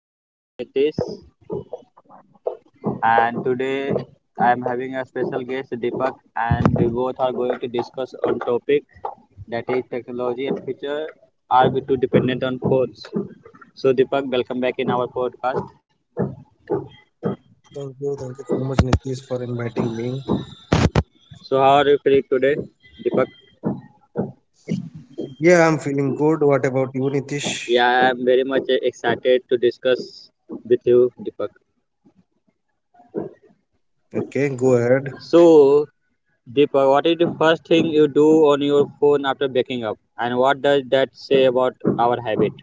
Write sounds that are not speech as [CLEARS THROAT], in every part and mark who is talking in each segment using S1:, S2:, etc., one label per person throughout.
S1: Today I'm Unitis, and today I'm having a special guest Deepak, and we both are going to discuss on topic that is technology and future. Are we too dependent on phones? So Deepak, welcome back in our podcast.
S2: Thank you. Thank you so much, Nitish, for inviting me.
S1: So how are you feeling today, Deepak?
S2: Yeah, I'm feeling good. What about you, Nitish?
S1: Yeah, I'm very much excited to discuss with you, Deepak.
S2: Okay, go ahead.
S1: So Deepak, what is the first thing you do on your phone after waking up, and what does that say about our habit?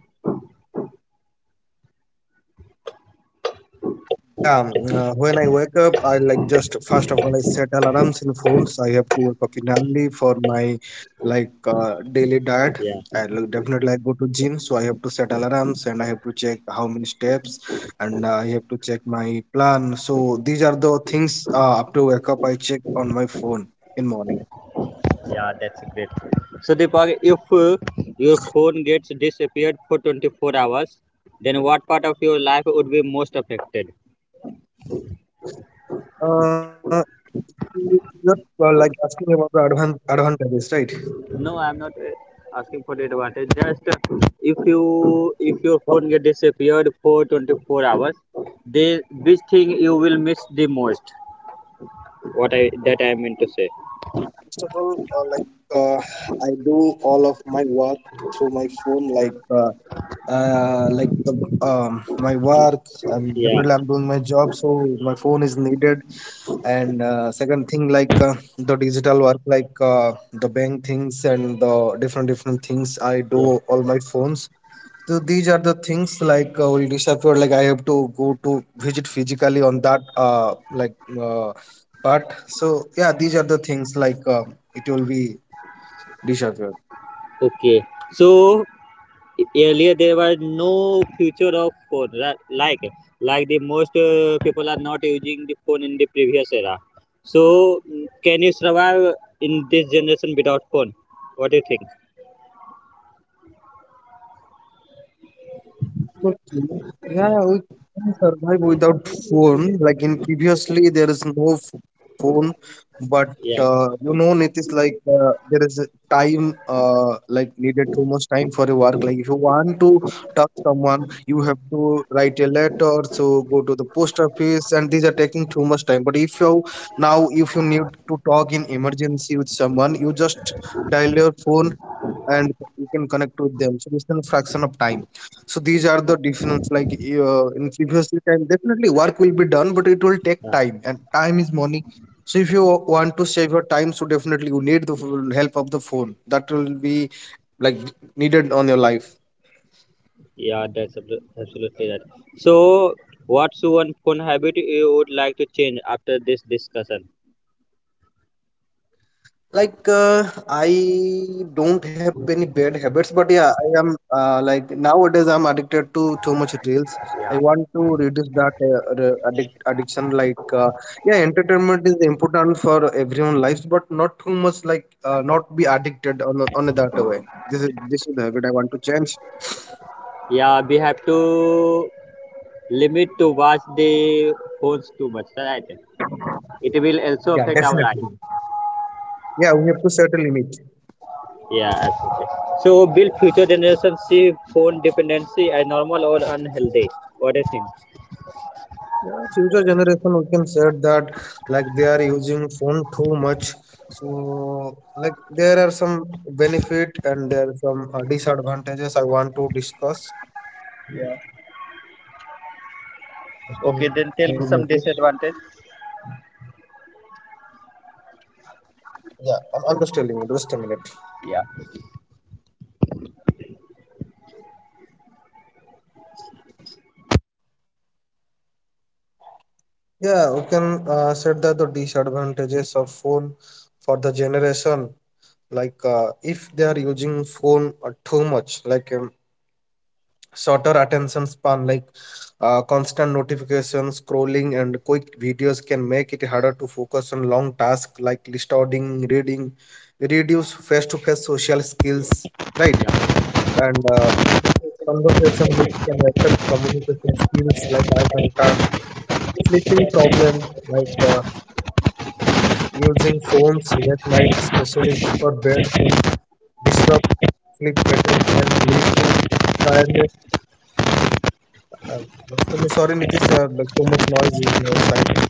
S2: Yeah, when I wake up, I like just first of all, I set alarms in phones. I have to wake up in early for my like daily diet.
S1: Yeah,
S2: I look, definitely I go to gym, so I have to set alarms and I have to check how many steps and I have to check my plan. So these are the things after wake up I check on my phone in morning.
S1: yeah, that's great. So Deepak, if your phone gets disappeared for 24 hours, then what part of your life would be most affected?
S2: Uh, Not like asking about the advantages, right?
S1: No, I'm not asking for the advantage. Just if you if your phone
S2: Well.
S1: get disappeared for 24 hours, the which thing you
S2: Mhm.
S1: will miss the most? What I that I mean to say.
S2: First of all, uh, I do all of my work through my phone, like uh, like the, my work.
S1: Yeah,
S2: Definitely, I'm doing my job, so my phone is needed. And second thing, like the digital work, like the bank things and the different different things I
S1: yeah.
S2: do all my phones. So these are the things like will disappear. Like I have to go to visit physically on that uh, part. So yeah, these are the things like it will be disappear.
S1: Okay. So earlier there was no future of phone like the most people are not using the phone in the previous era, so can you survive in this generation without phone? What do you think?
S2: Okay. Yeah, we can survive without phone. Like in previously, there is no phone, but
S1: Yeah,
S2: you know, Nitish, like there is a time like needed too much time for a work. Like if you want to talk someone, you have to write a letter, so go to the post office, and these are taking too much time. But if you now if you need to talk in emergency with someone, you just dial your phone and you can connect with them. So it's a fraction of time, so these are the difference like in previous time definitely work will be done but it will
S1: yeah,
S2: take time and time is money. So if you want to save your time, so definitely you need the full help of the phone that will be like needed on your life.
S1: yeah, that's absolutely right. So what's one phone habit you would like to change after this discussion?
S2: Like I don't have any bad habits, but yeah, I am like nowadays I'm addicted to too much reels. I want to reduce that addiction. Like yeah, entertainment is important for everyone lives, but not too much. Like not be addicted on that way. This is the habit I want to change.
S1: Yeah, we have to limit to watch the phones too much, right? It will also
S2: Yeah,
S1: affect our eyes.
S2: definitely. Yeah, we have to set a limit.
S1: Yeah, absolutely. So will future generations see phone dependency as normal or unhealthy? What do you think?
S2: Yeah, future generation we can say that like they are using phone too much. So like there are some benefit and there are some disadvantages I want to discuss.
S1: Yeah.
S2: Just a minute,
S1: Okay, then
S2: Nitish.
S1: tell me some disadvantage.
S2: Yeah, I'm just telling you, just a minute.
S1: Yeah.
S2: Yeah, we can said that the disadvantages of phone for the generation, like if they are using phone too much, like shorter attention span like constant notifications scrolling and quick videos can make it harder to focus on long tasks like listening, reading, reduce face-to-face social skills, right,
S1: Yeah.
S2: and conversation which can affect communication skills like eye contact, sleeping problem like using phones late night, especially before bed, can disrupt sleep patterns and lead to tiredness. Um, I'm sorry, Nitish, like so much noise in your side.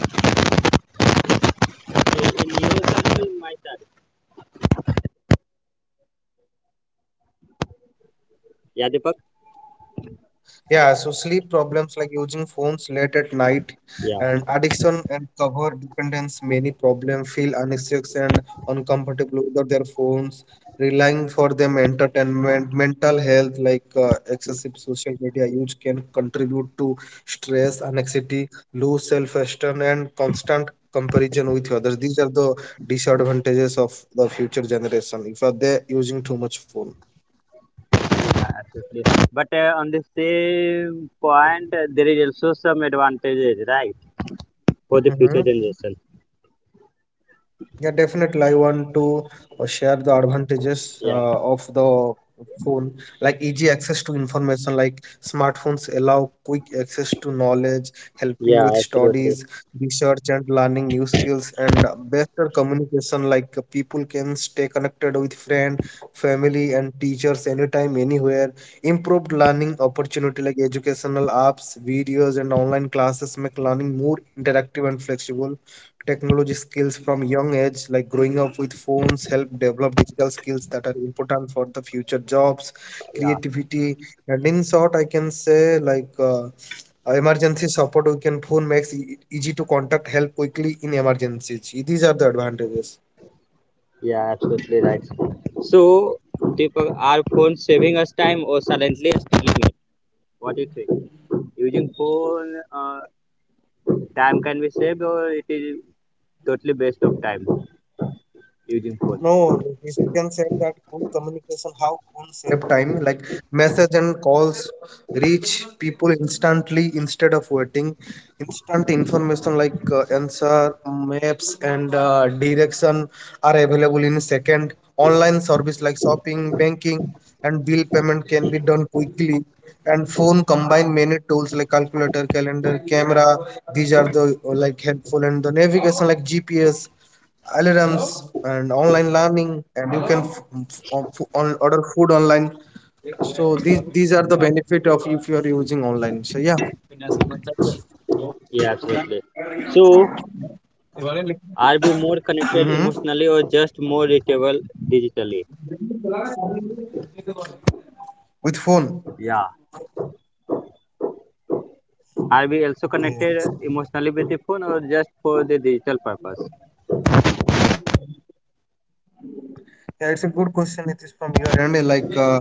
S1: So in yours and in my side.
S2: Hello?
S1: Yeah, Deepak?
S2: Yeah, so sleep problems like using phones late at night
S1: Yeah.
S2: and addiction and cover dependence, many problems feel anxious and uncomfortable without their phones, relying for them entertainment, mental health like excessive social media use can contribute to stress, anxiety, low self-esteem and constant comparison with others. These are the disadvantages of the future generation if are they using too much phone.
S1: Yeah, absolutely. But on the same point, there is also some advantages, right? For the future generation.
S2: Mhm. Yeah, definitely. I want to share the advantages
S1: Yeah.
S2: of the phone, like easy access to information, like smartphones allow quick access to knowledge, helping
S1: Yeah,
S2: with
S1: absolutely.
S2: studies, research, and learning new skills, and better communication, like people can stay connected with friend, family, and teachers anytime, anywhere. Improved learning opportunity, like educational apps, videos, and online classes make learning more interactive and flexible, technology skills from young age like growing up with phones help develop digital skills that are important for the future jobs,
S1: Yeah.
S2: creativity, and in short I can say like emergency support we can phone makes it easy to contact help quickly in emergencies. These are the advantages.
S1: Yeah, absolutely right. So, Deepak, are phones saving us time or silently stealing it? What do you think? Using phone, time can be saved, or it is totally waste of time using phone?
S2: No, this you can say that good communication, how phone save time, like message and calls reach people instantly instead of waiting. Instant information like answer, maps, and direction are available in a second. Online service like shopping, banking, and bill payment can be done quickly. And phone combine many tools like calculator, calendar, camera. These are the like helpful and the navigation like GPS algorithms and online learning and you can f- order food online. So these are the benefit of if you are using online, so yeah.
S1: Yeah, absolutely. So, are we more
S2: Hmm.
S1: connected emotionally or just more reachable digitally?
S2: With phone.
S1: Yeah. Are we also
S2: Okay.
S1: connected emotionally with the phone, or just for the digital purpose?
S2: Yeah, it's a good question, it is from your end. Like,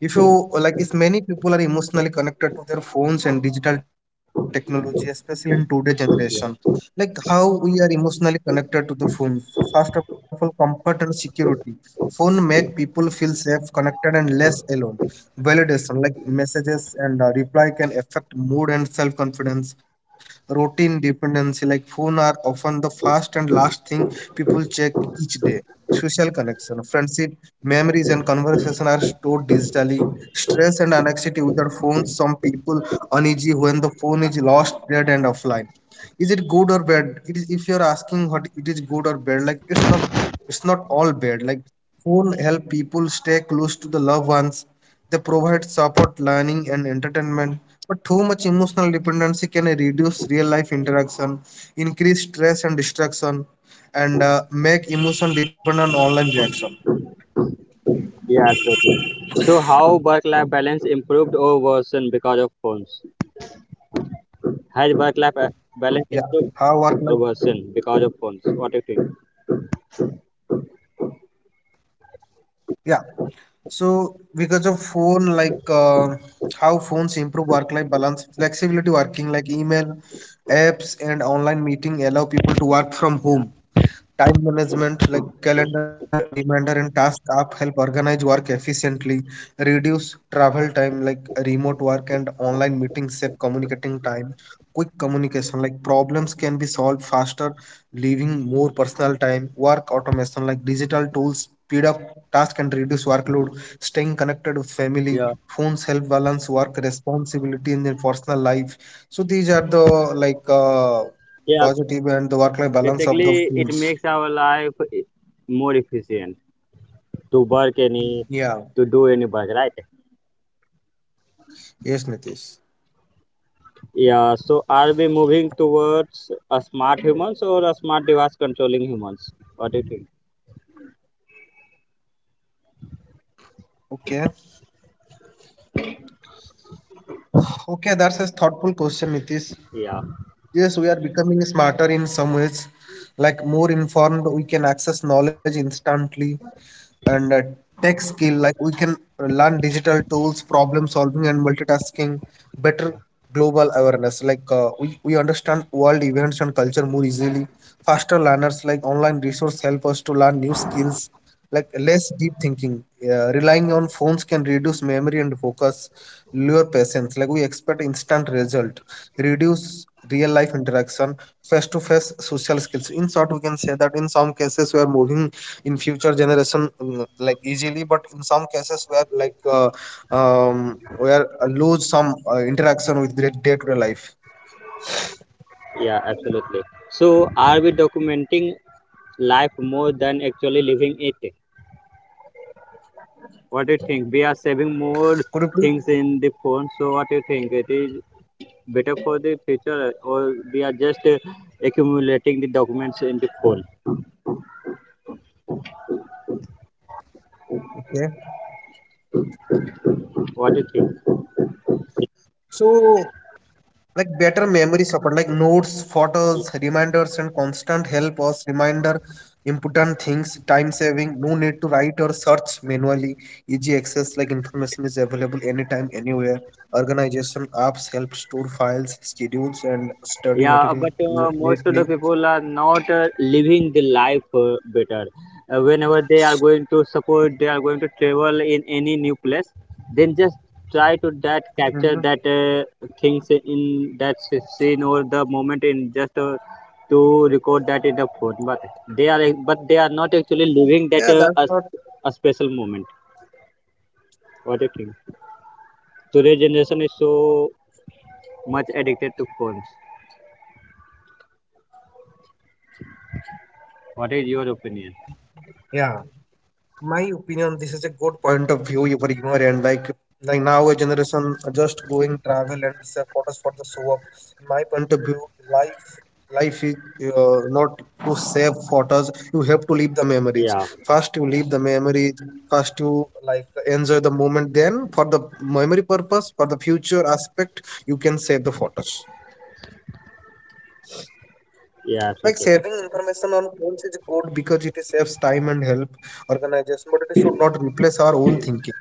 S2: if you like, if many people are emotionally connected to their phones and digital technology, especially in today's generation,
S1: Yeah,
S2: like how we are emotionally connected to the phones. So, first of all, comfort and security. Phone make people feel safe, connected, and less alone. Validation, like messages and reply, can affect mood and self-confidence. Routine dependency, like phone are often the first and last thing people check each day. Social connection. Friendship, memories, and conversation are stored digitally. Stress and anxiety without phones. Some people uneasy when the phone is lost, dead, and offline. Is it good or bad? It is. If you're asking what it is good or bad, like it's not. It's not all bad. Like phone help people stay close to the loved ones. They provide support, learning, and entertainment. But too much emotional dependency can reduce real life interaction, increase stress and distraction, and make emotion depend on online reaction.
S1: yeah, absolutely. So, how work-life balance improved or worsened because of phones? Has work-life
S2: Yeah,
S1: balance
S2: how
S1: improved
S2: work life?
S1: or worsened because of phones? What do you think?
S2: Yeah, so because of phone, like how phones improve work life balance, flexibility working, like email, apps, and online meeting allow people to work from
S1: Yeah.
S2: home. Time management like calendar, reminder, and task app help organize work efficiently, reduce travel time like remote work and online meetings save communicating time. Quick communication like problems can be solved faster, leaving more personal time. Work automation like digital tools speed up task and reduce workload. Staying connected with family,
S1: Yeah.
S2: phones help balance work responsibility in their personal life. So these are the like
S1: Yeah,
S2: positive and the work-life balance of the
S1: basically it
S2: phones.
S1: makes our life more efficient to work any,
S2: Yeah,
S1: to do any work, right?
S2: yes, Nitish.
S1: Yeah, so are we moving towards a smart humans or a smart device controlling humans? What do you think?
S2: Okay, okay, that's a thoughtful question, Nitish.
S1: Yeah,
S2: Yes, we are becoming smarter in some ways, like more informed, we can access knowledge instantly, and tech skill like we can learn digital tools, problem solving and multitasking better, global awareness like uh, we understand world events and culture more easily, faster learners like online resource help us to learn new skills, like less deep thinking, relying on phones can reduce memory and focus, lure patience like we expect instant result, reduce real life interaction, face to face social skills. In short we can say that in some cases we are moving in future generation like easily, but in some cases where like where lose some interaction with their day-to-day life.
S1: yeah, absolutely. So are we documenting life more than actually living it? What do you think? We are saving
S2: Could you
S1: more
S2: please.
S1: things in the phone, so what do you think? It is better for the future, or we are just accumulating the documents in the phone?
S2: Okay,
S1: What do you think?
S2: so like better memory support like notes, photos, reminders and constant help us reminder important things, time saving, no need to write or search manually, easy access like information is available anytime anywhere, organization apps help store files, schedules and study
S1: Yeah, but
S2: material
S1: most of the
S2: neatly.
S1: people are not living the life better whenever they are going to support, they are going to travel in any new place, then just try to that capture
S2: Mm-hmm.
S1: that things in that scene or the moment, in just to record that in the phone, they are but they are not actually
S2: Yeah,
S1: living
S2: that's
S1: that
S2: not.
S1: a special moment. What do you think? Today's generation is so much addicted to phones. What is your opinion?
S2: Yeah, my opinion. This is a good point of view you- for humor and like now a generation are just going travel and sell photos for the show up. In my point of view, life life is not to save photos. You have to leave the memories.
S1: Yeah,
S2: First, you leave the memories. First, you like enjoy the moment. Then, for the memory purpose, for the future aspect, you can save the photos.
S1: yeah,
S2: Like
S1: absolutely.
S2: saving information on phones is good because it saves time and help organization, but it should not replace our own thinking.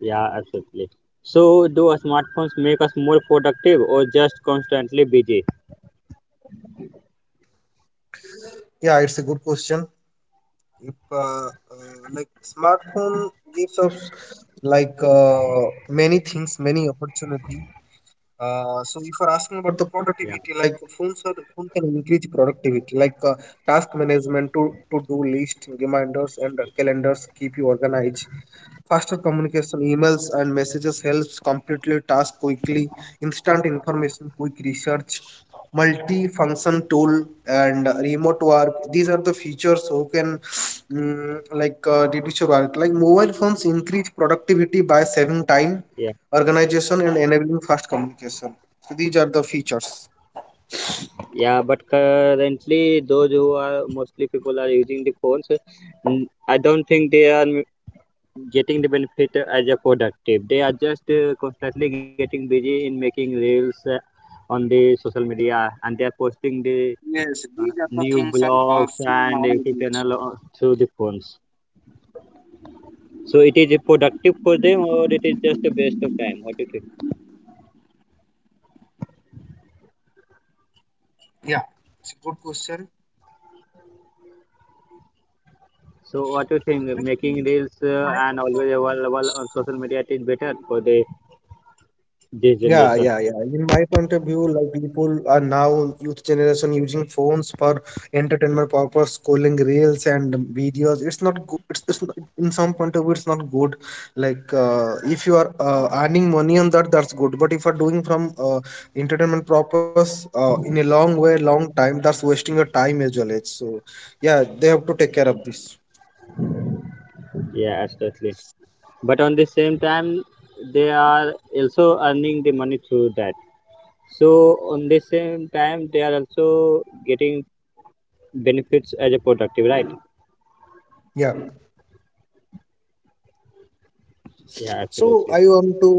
S1: Yeah, absolutely. So, do smartphones make us more productive or just constantly busy?
S2: Yeah, it's a good question. If Like smartphone gives us like many things, many opportunity. So if you're asking about the
S1: Yeah,
S2: productivity, like phone can increase productivity, like task management, to do list, reminders, and calendars keep you organized. Faster communication, emails and messages helps completely task quickly, instant information, quick research, multi-function tool and remote work. These are the features who can like reduce your work. Like mobile phones increase productivity by saving time,
S1: yeah,
S2: organization and enabling fast communication. So these are the features.
S1: yeah. But currently, those who are mostly people are using the phones. I don't think they are getting the benefit as a productive. They are just constantly getting busy in making reels on the social media, and they are posting the
S2: Yes, these are the
S1: new
S2: things are
S1: blogs
S2: seen
S1: and YouTube channel
S2: nowadays.
S1: through the phones. So it is productive for them, or it is just a waste of time? What do you think?
S2: Yeah, it's a good question.
S1: So what do you think?
S2: Like
S1: Making
S2: in
S1: reels
S2: in my
S1: and
S2: point
S1: always
S2: of view,
S1: available on social media, it is better for the this
S2: yeah,
S1: generation.
S2: yeah, yeah. In my point of view, like people are now youth generation using phones for entertainment purpose, scrolling reels and videos. It's not good. It's not, in some point of view, it's not good. Like if you are earning money on that, that's good. But if you're doing from entertainment purpose in a long way, long time, that's wasting your time as well. It's So yeah, they have to take care of this.
S1: Yeah, absolutely. But on the same time, they are also earning the money through that. So on the same time, they are also getting benefits as a productive, right?
S2: Yeah.
S1: Yeah,
S2: So
S1: absolutely.
S2: I want to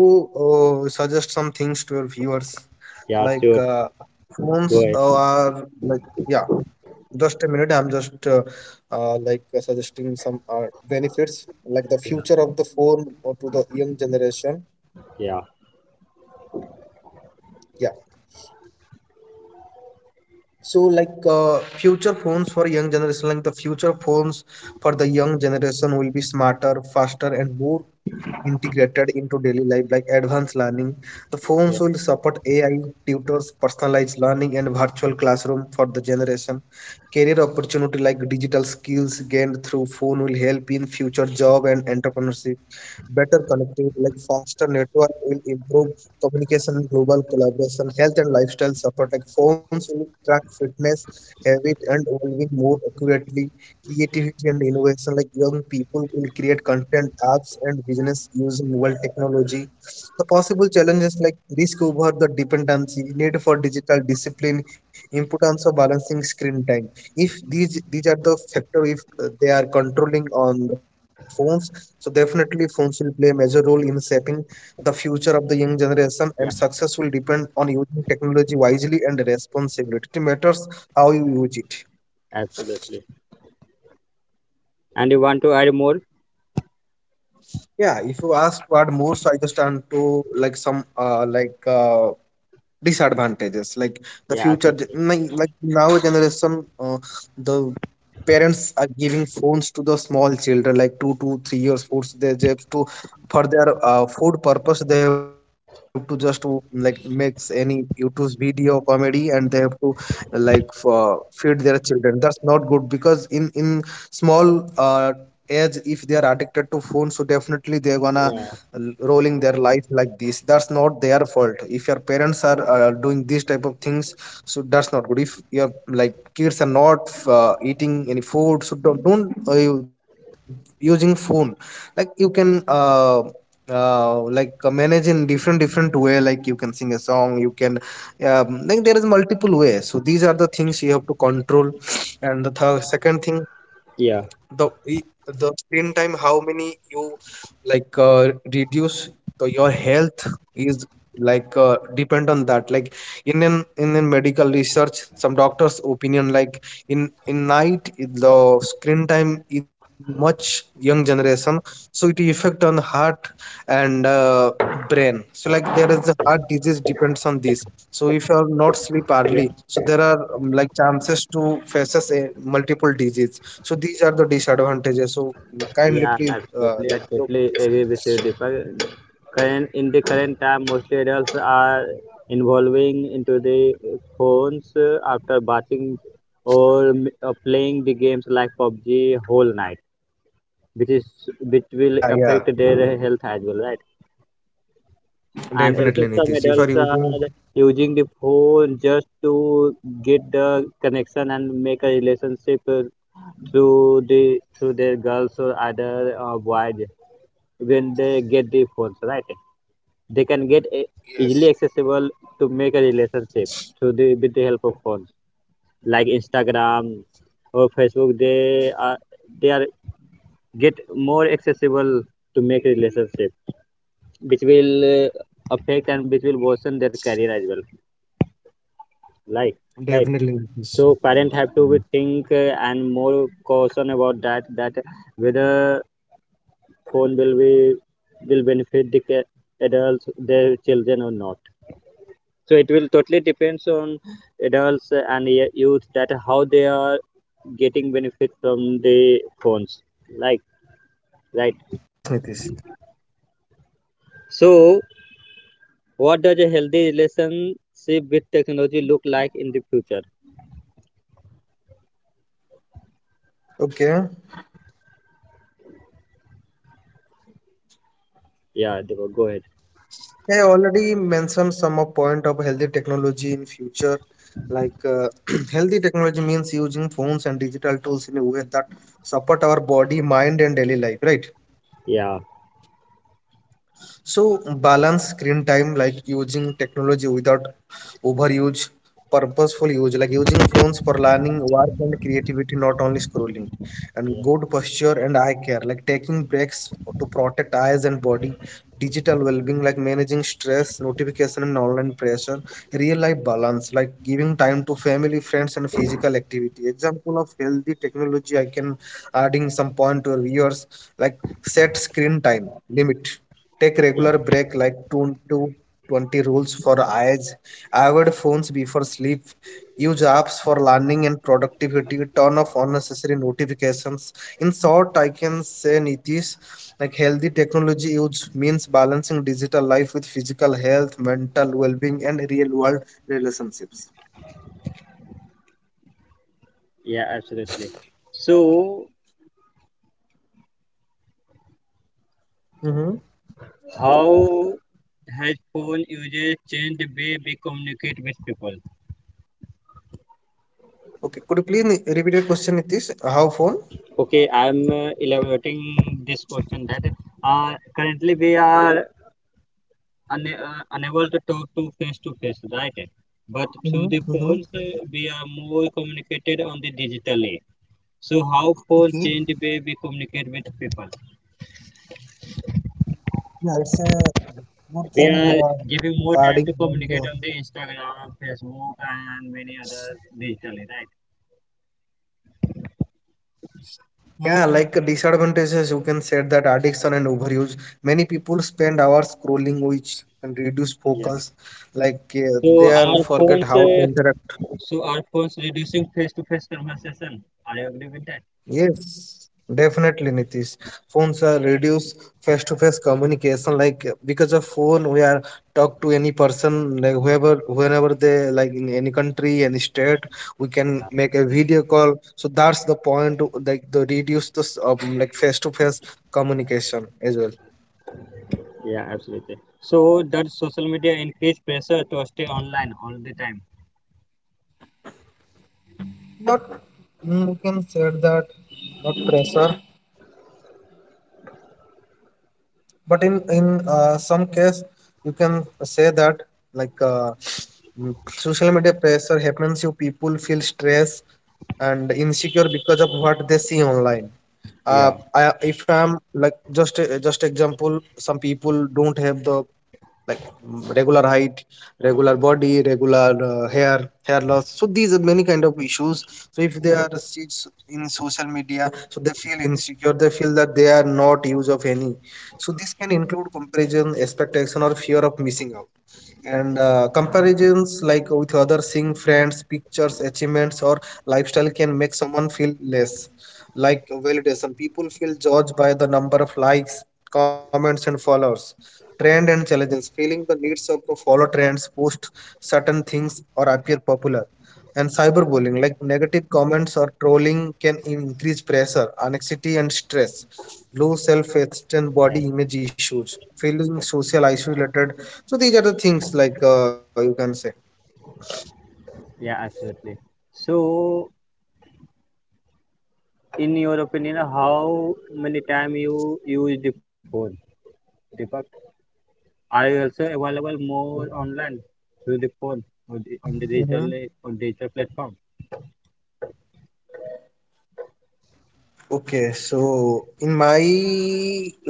S2: suggest some things to our viewers,
S1: Yeah,
S2: like
S1: sure.
S2: phones
S1: Go ahead.
S2: are like, yeah. Just a minute, I'm just suggesting some benefits, like the future of the phone or to the young generation.
S1: Yeah,
S2: Yeah. So like future phones for young generation, like the future phones for the young generation will be smarter, faster, and more integrated into daily life like advanced learning. The
S1: yeah,
S2: phones will support AI, tutors, personalized learning, and virtual classroom for the generation. Career opportunity like digital skills gained through phone will help in future job and entrepreneurship. Better connectivity like faster network will improve communication, global collaboration, health and lifestyle support. Like phones will track fitness, habit, and well-being more accurately. Creativity and innovation like young people will create content apps and business using mobile technology. The possible challenges like risk over the dependency, need for digital discipline, importance of balancing screen time. If these are the factor, if they are controlling on the phones, so definitely phones will play a major role in shaping the future of the young generation, and
S1: yeah.
S2: success will depend on using technology wisely and responsibly. It matters how you use it.
S1: Absolutely. And you want to add more?
S2: Yeah, if you ask what more, so I just turn to like some disadvantages, like the
S1: Yeah,
S2: future,
S1: absolutely.
S2: like now generation, the parents are giving phones to the small children, like 2 to 3 years, four. They just to for their food purpose, they have to just to, like makes any YouTube video comedy, and they have to like for, feed their children. That's not good because in small uh, age, if they are addicted to phone, so definitely they're gonna
S1: Yeah,
S2: rolling their life like this. That's not their fault if your parents are doing these type of things, so that's not good. If your like kids are not eating any food, so don't using phone. Like you can manage in different different way, like you can sing a song, you can like there is multiple ways. So these are the things you have to control. [SNIFFS] And the second thing,
S1: Yeah.
S2: the the screen time, how many you like reduce your health is like depend on that. Like in an medical research, some doctors opinion, like in night the screen time is much young generation, so it effect on heart and brain. So like there is the heart disease depends on this. So if you are not sleep
S1: yeah,
S2: early, so there are like chances to faces a multiple disease. So these are the disadvantages. So kindly
S1: yeah,
S2: please
S1: absolutely. I
S2: like look
S1: totally
S2: at this.
S1: agree with you, Deepak. Current in the current time, mostly adults are involving into the phones after watching or playing the games like PUBG whole night, which is which will
S2: Yeah,
S1: affect
S2: yeah,
S1: their health as well, right? And also
S2: definitely,
S1: some
S2: Nitish. If
S1: adults
S2: you are
S1: are
S2: using.
S1: using the phone just to get the connection and make a relationship through the through their girls or other boys when they get the phones, right? They can get
S2: Yes.
S1: easily accessible to make a relationship through the with the help of phones, like Instagram or Facebook. They are they are get more accessible to make relationship, which will affect and which will worsen their career as well, like, right?
S2: Definitely,
S1: So
S2: Nitish.
S1: parent have to be think and more caution about that, that whether phone will be will benefit the adults their children or not. So it will totally depends on adults and youth, that how they are getting benefit from the phones, like, right?
S2: Yes, Nitish.
S1: So what does a healthy relationship with technology look like in the future?
S2: Okay.
S1: Yeah Deepak, go ahead.
S2: I already mentioned some of point of healthy technology in future. Like [CLEARS THROAT] healthy technology means using phones and digital tools in a way that support our body, mind, and daily life, right?
S1: Yeah,
S2: So balance screen time like using technology without overuse, purposeful use, like using phones for learning, work and creativity, not only scrolling. And good posture and eye care, like taking breaks to protect eyes and body, digital well-being, like managing stress, notification and online pressure, real life balance, like giving time to family, friends, and physical activity. Example of healthy technology, I can adding some point to our viewers, like set screen time limit. Take
S1: yeah,
S2: regular break like 2 to 20 rules for eyes. Avoid phones before sleep. Use apps for learning and productivity. Turn off unnecessary notifications. In short, I can say Nitish, like healthy technology use means balancing digital life with physical health, mental well-being, and real-world relationships.
S1: yeah, absolutely. So
S2: Mm-hmm.
S1: how has phone usage changed the way we communicate with people?
S2: Okay, could you please repeat your question, Nitish? How phone?
S1: Okay, I'm elaborating this question that currently we are unable to talk to face, right? But through
S2: Mm-hmm.
S1: the
S2: Mm-hmm.
S1: phones, we are more communicated on the digitally. So how phone
S2: Okay.
S1: change the way we communicate with people?
S2: Yeah, it's a good thing
S1: We
S2: you are
S1: are giving more
S2: adding
S1: time to
S2: on the.
S1: communicate on the Instagram, Facebook, and many other digitally, right?
S2: Yeah, like disadvantages, you can say that addiction and overuse. Many people spend hours scrolling, which can reduce
S1: Yeah.
S2: focus. Like
S1: So
S2: they are
S1: our
S2: forget how to interact.
S1: Phones reducing face-to-face conversation. I agree with that.
S2: Yes, definitely, Nitish. Phones are reduce face-to-face communication. Like because of phone, we are talk to any person, like whoever, whenever they like in any country, any state, we can make a video call. So that's the point. Like the reduce the like face-to-face communication as well.
S1: Yeah, absolutely. So does social media increase pressure to stay online all the time?
S2: Not you can say that not pressure, but in some case you can say that like mm, social media pressure happens, you people feel stress and insecure because of what they see online,
S1: Yeah.
S2: if I'm like just example, some people don't have the like regular height, regular body, regular hair, hair loss, so these are many kind of issues. So if they are seats in social media, so they feel insecure, they feel that they are not use of any. So this can include comparison, expectation, or fear of missing out. And comparisons like with other seeing friends, pictures, achievements, or lifestyle can make someone feel less. Like validation. People feel judged by the number of likes, comments, and followers. Trend and challenges, feeling the needs of to follow trends, post certain things, or appear popular. And cyberbullying like negative comments or trolling can increase pressure, anxiety and stress, low self-esteem, body
S1: Yeah,
S2: image issues, feeling social isolated. So these are the things like you can say.
S1: yeah, absolutely. So in your opinion, how many time you use the phone, Deepak? Are you also available more online through the phone, or on the digital
S2: Mhm.
S1: on digital platform?
S2: Okay, so in my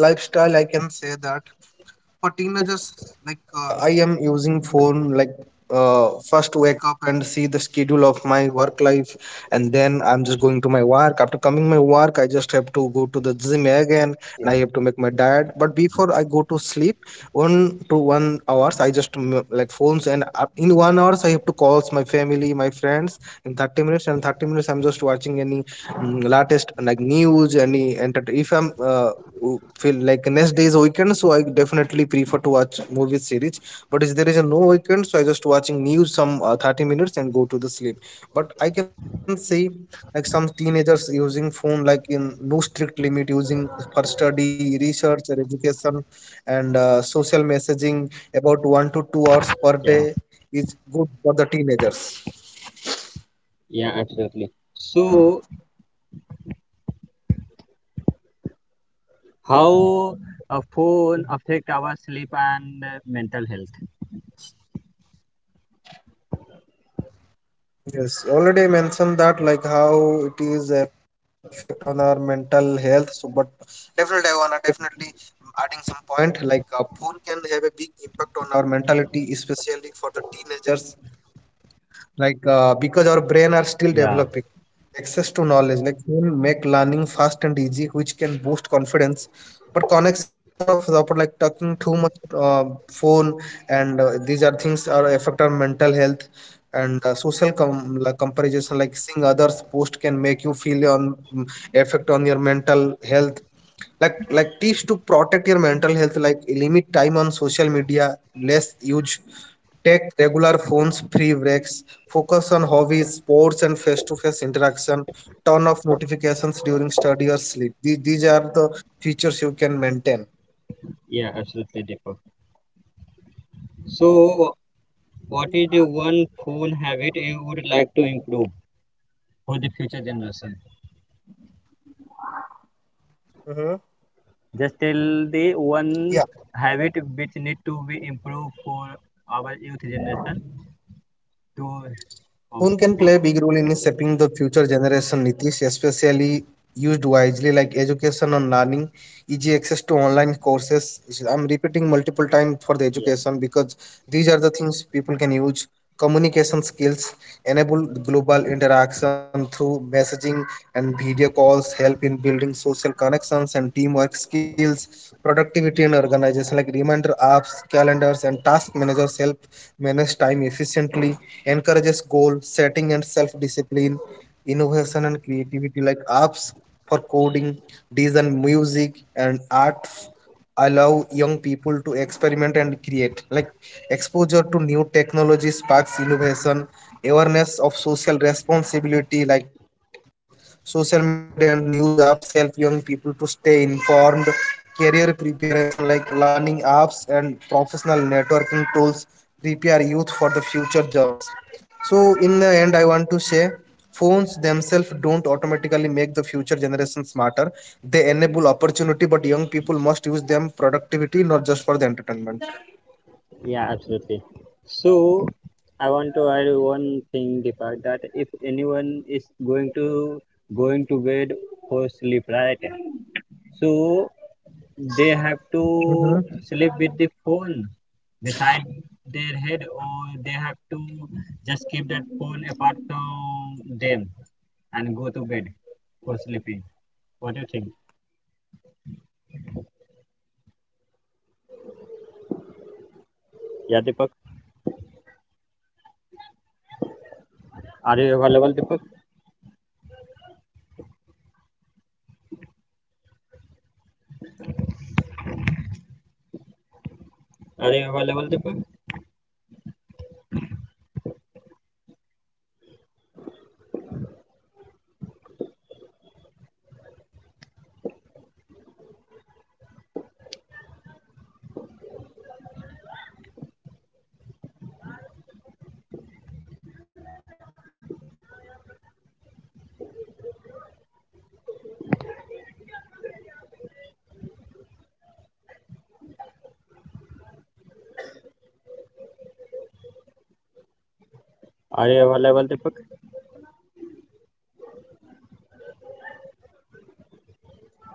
S2: lifestyle I can say that for teenagers, like I am using phone like first wake up and see the schedule of my work life, and then I'm just going to my work. After coming my work, I just have to go to the gym again,
S1: Yeah,
S2: and I have to make my diet. But before I go to sleep, 1 to 1 hours, I just like phones, and in 1 hours I have to calls my family, my friends in 30 minutes, and 30 minutes I'm just watching any latest like news and entertain. If I'm feel like next day is weekend, so I definitely prefer to watch movie series. But if there is a no weekend, so I just watching news some 30 minutes and go to the sleep. But I can see like some teenagers using phone like in no strict limit using for study research or education and social messaging about 1 to 2 hours per
S1: Yeah.
S2: day is good for the teenagers.
S1: Yeah, absolutely. So how a phone affect our sleep and mental health?
S2: Yes, already mentioned that like how it is effect on our mental health. So, but definitely I wanna definitely adding some point like phone can have a big impact on our mentality, especially for the teenagers like because our brain are still
S1: Yeah.
S2: developing. Access to knowledge like can make learning fast and easy, which can boost confidence. But connection of support like talking too much uh, phone and these are things are affect our mental health. And social like comparison like seeing others post can make you feel on, effect on your mental health. Like tips to protect your mental health, like limit time on social media, less use, take regular phones free breaks. Focus on hobbies, sports, and face to face interaction. Turn off notifications during study or sleep. These are the features you can maintain.
S1: Yeah, absolutely, Deepak. So, what is the one phone habit you would like to improve for the future generation?
S2: Mm-hmm.
S1: Just tell the one
S2: Yeah.
S1: habit which need to be improved for our youth generation to. Oh,
S2: Phone can
S1: okay.
S2: play a big role in shaping the future generation, Nitish, especially used wisely, like education and learning, easy access to online courses. I'm repeating multiple times for the
S1: Yeah.
S2: education because these are the things people can use. Communication skills enable global interaction through messaging and video calls, help in building social connections and teamwork skills, productivity and organization like reminder apps, calendars, and task managers help manage time efficiently, encourages goal setting and self discipline, innovation and creativity, like apps for coding, design, music, and art allow young people to experiment and create. Like exposure to new technology sparks innovation, awareness of social responsibility, like social media and news apps help young people to stay informed, career preparation like learning apps and professional networking tools prepare youth for the future jobs. So in the end, I want to say phones themselves don't automatically make the future generation smarter. They enable opportunity, but young people must use them productivity, not just for the entertainment.
S1: Yeah, absolutely. So I want to add one thing, Deepak, that if anyone is going to bed for sleep, right? So they have to sleep with
S2: Mhm.
S1: the phone beside their head, or they have to just keep that phone apart from them and go to bed for sleeping. What do you think?
S2: Definitely, Nitish. Don't use phone too
S1: Yeah,
S2: much,
S1: Deepak.
S2: and if you are going to sleep, don't keep the phone
S1: Are you available, Deepak?
S2: beside your head and any part of your body, specifically in the head. Its impact on your bed, like there is a vibration or connect with your brain, which affects on your
S1: Are you
S2: mental
S1: available,
S2: health.
S1: Deepak?
S2: So just keep the phone away from you, and that will be good, right? What do you think, Nitish?
S1: Are you available, Deepak?
S2: Nitish.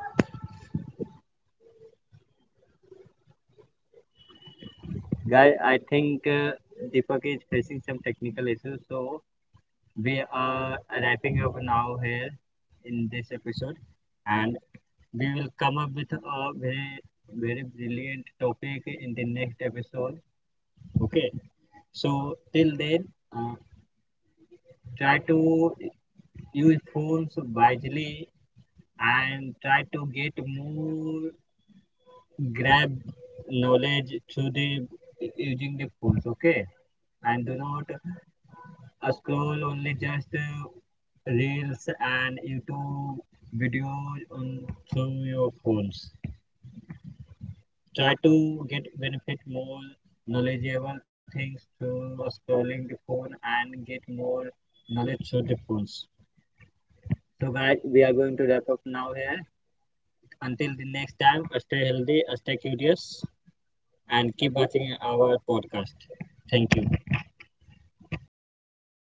S1: Guy, I think Deepak is facing some technical issues, so we are wrapping up now here in this episode, and we will come up with a very, very brilliant topic in the next episode. Okay, so till then, uh, try to use phones wisely and try to get more grab knowledge through the using the phones. Okay, and do not I scroll only just reels and YouTube videos on through your phones. Try to get benefit more knowledgeable things through scrolling the phone and get more knowledge through the phones. So guys, we are going to wrap up now here. Until the next time, stay healthy, stay curious, and keep watching our podcast. Thank you.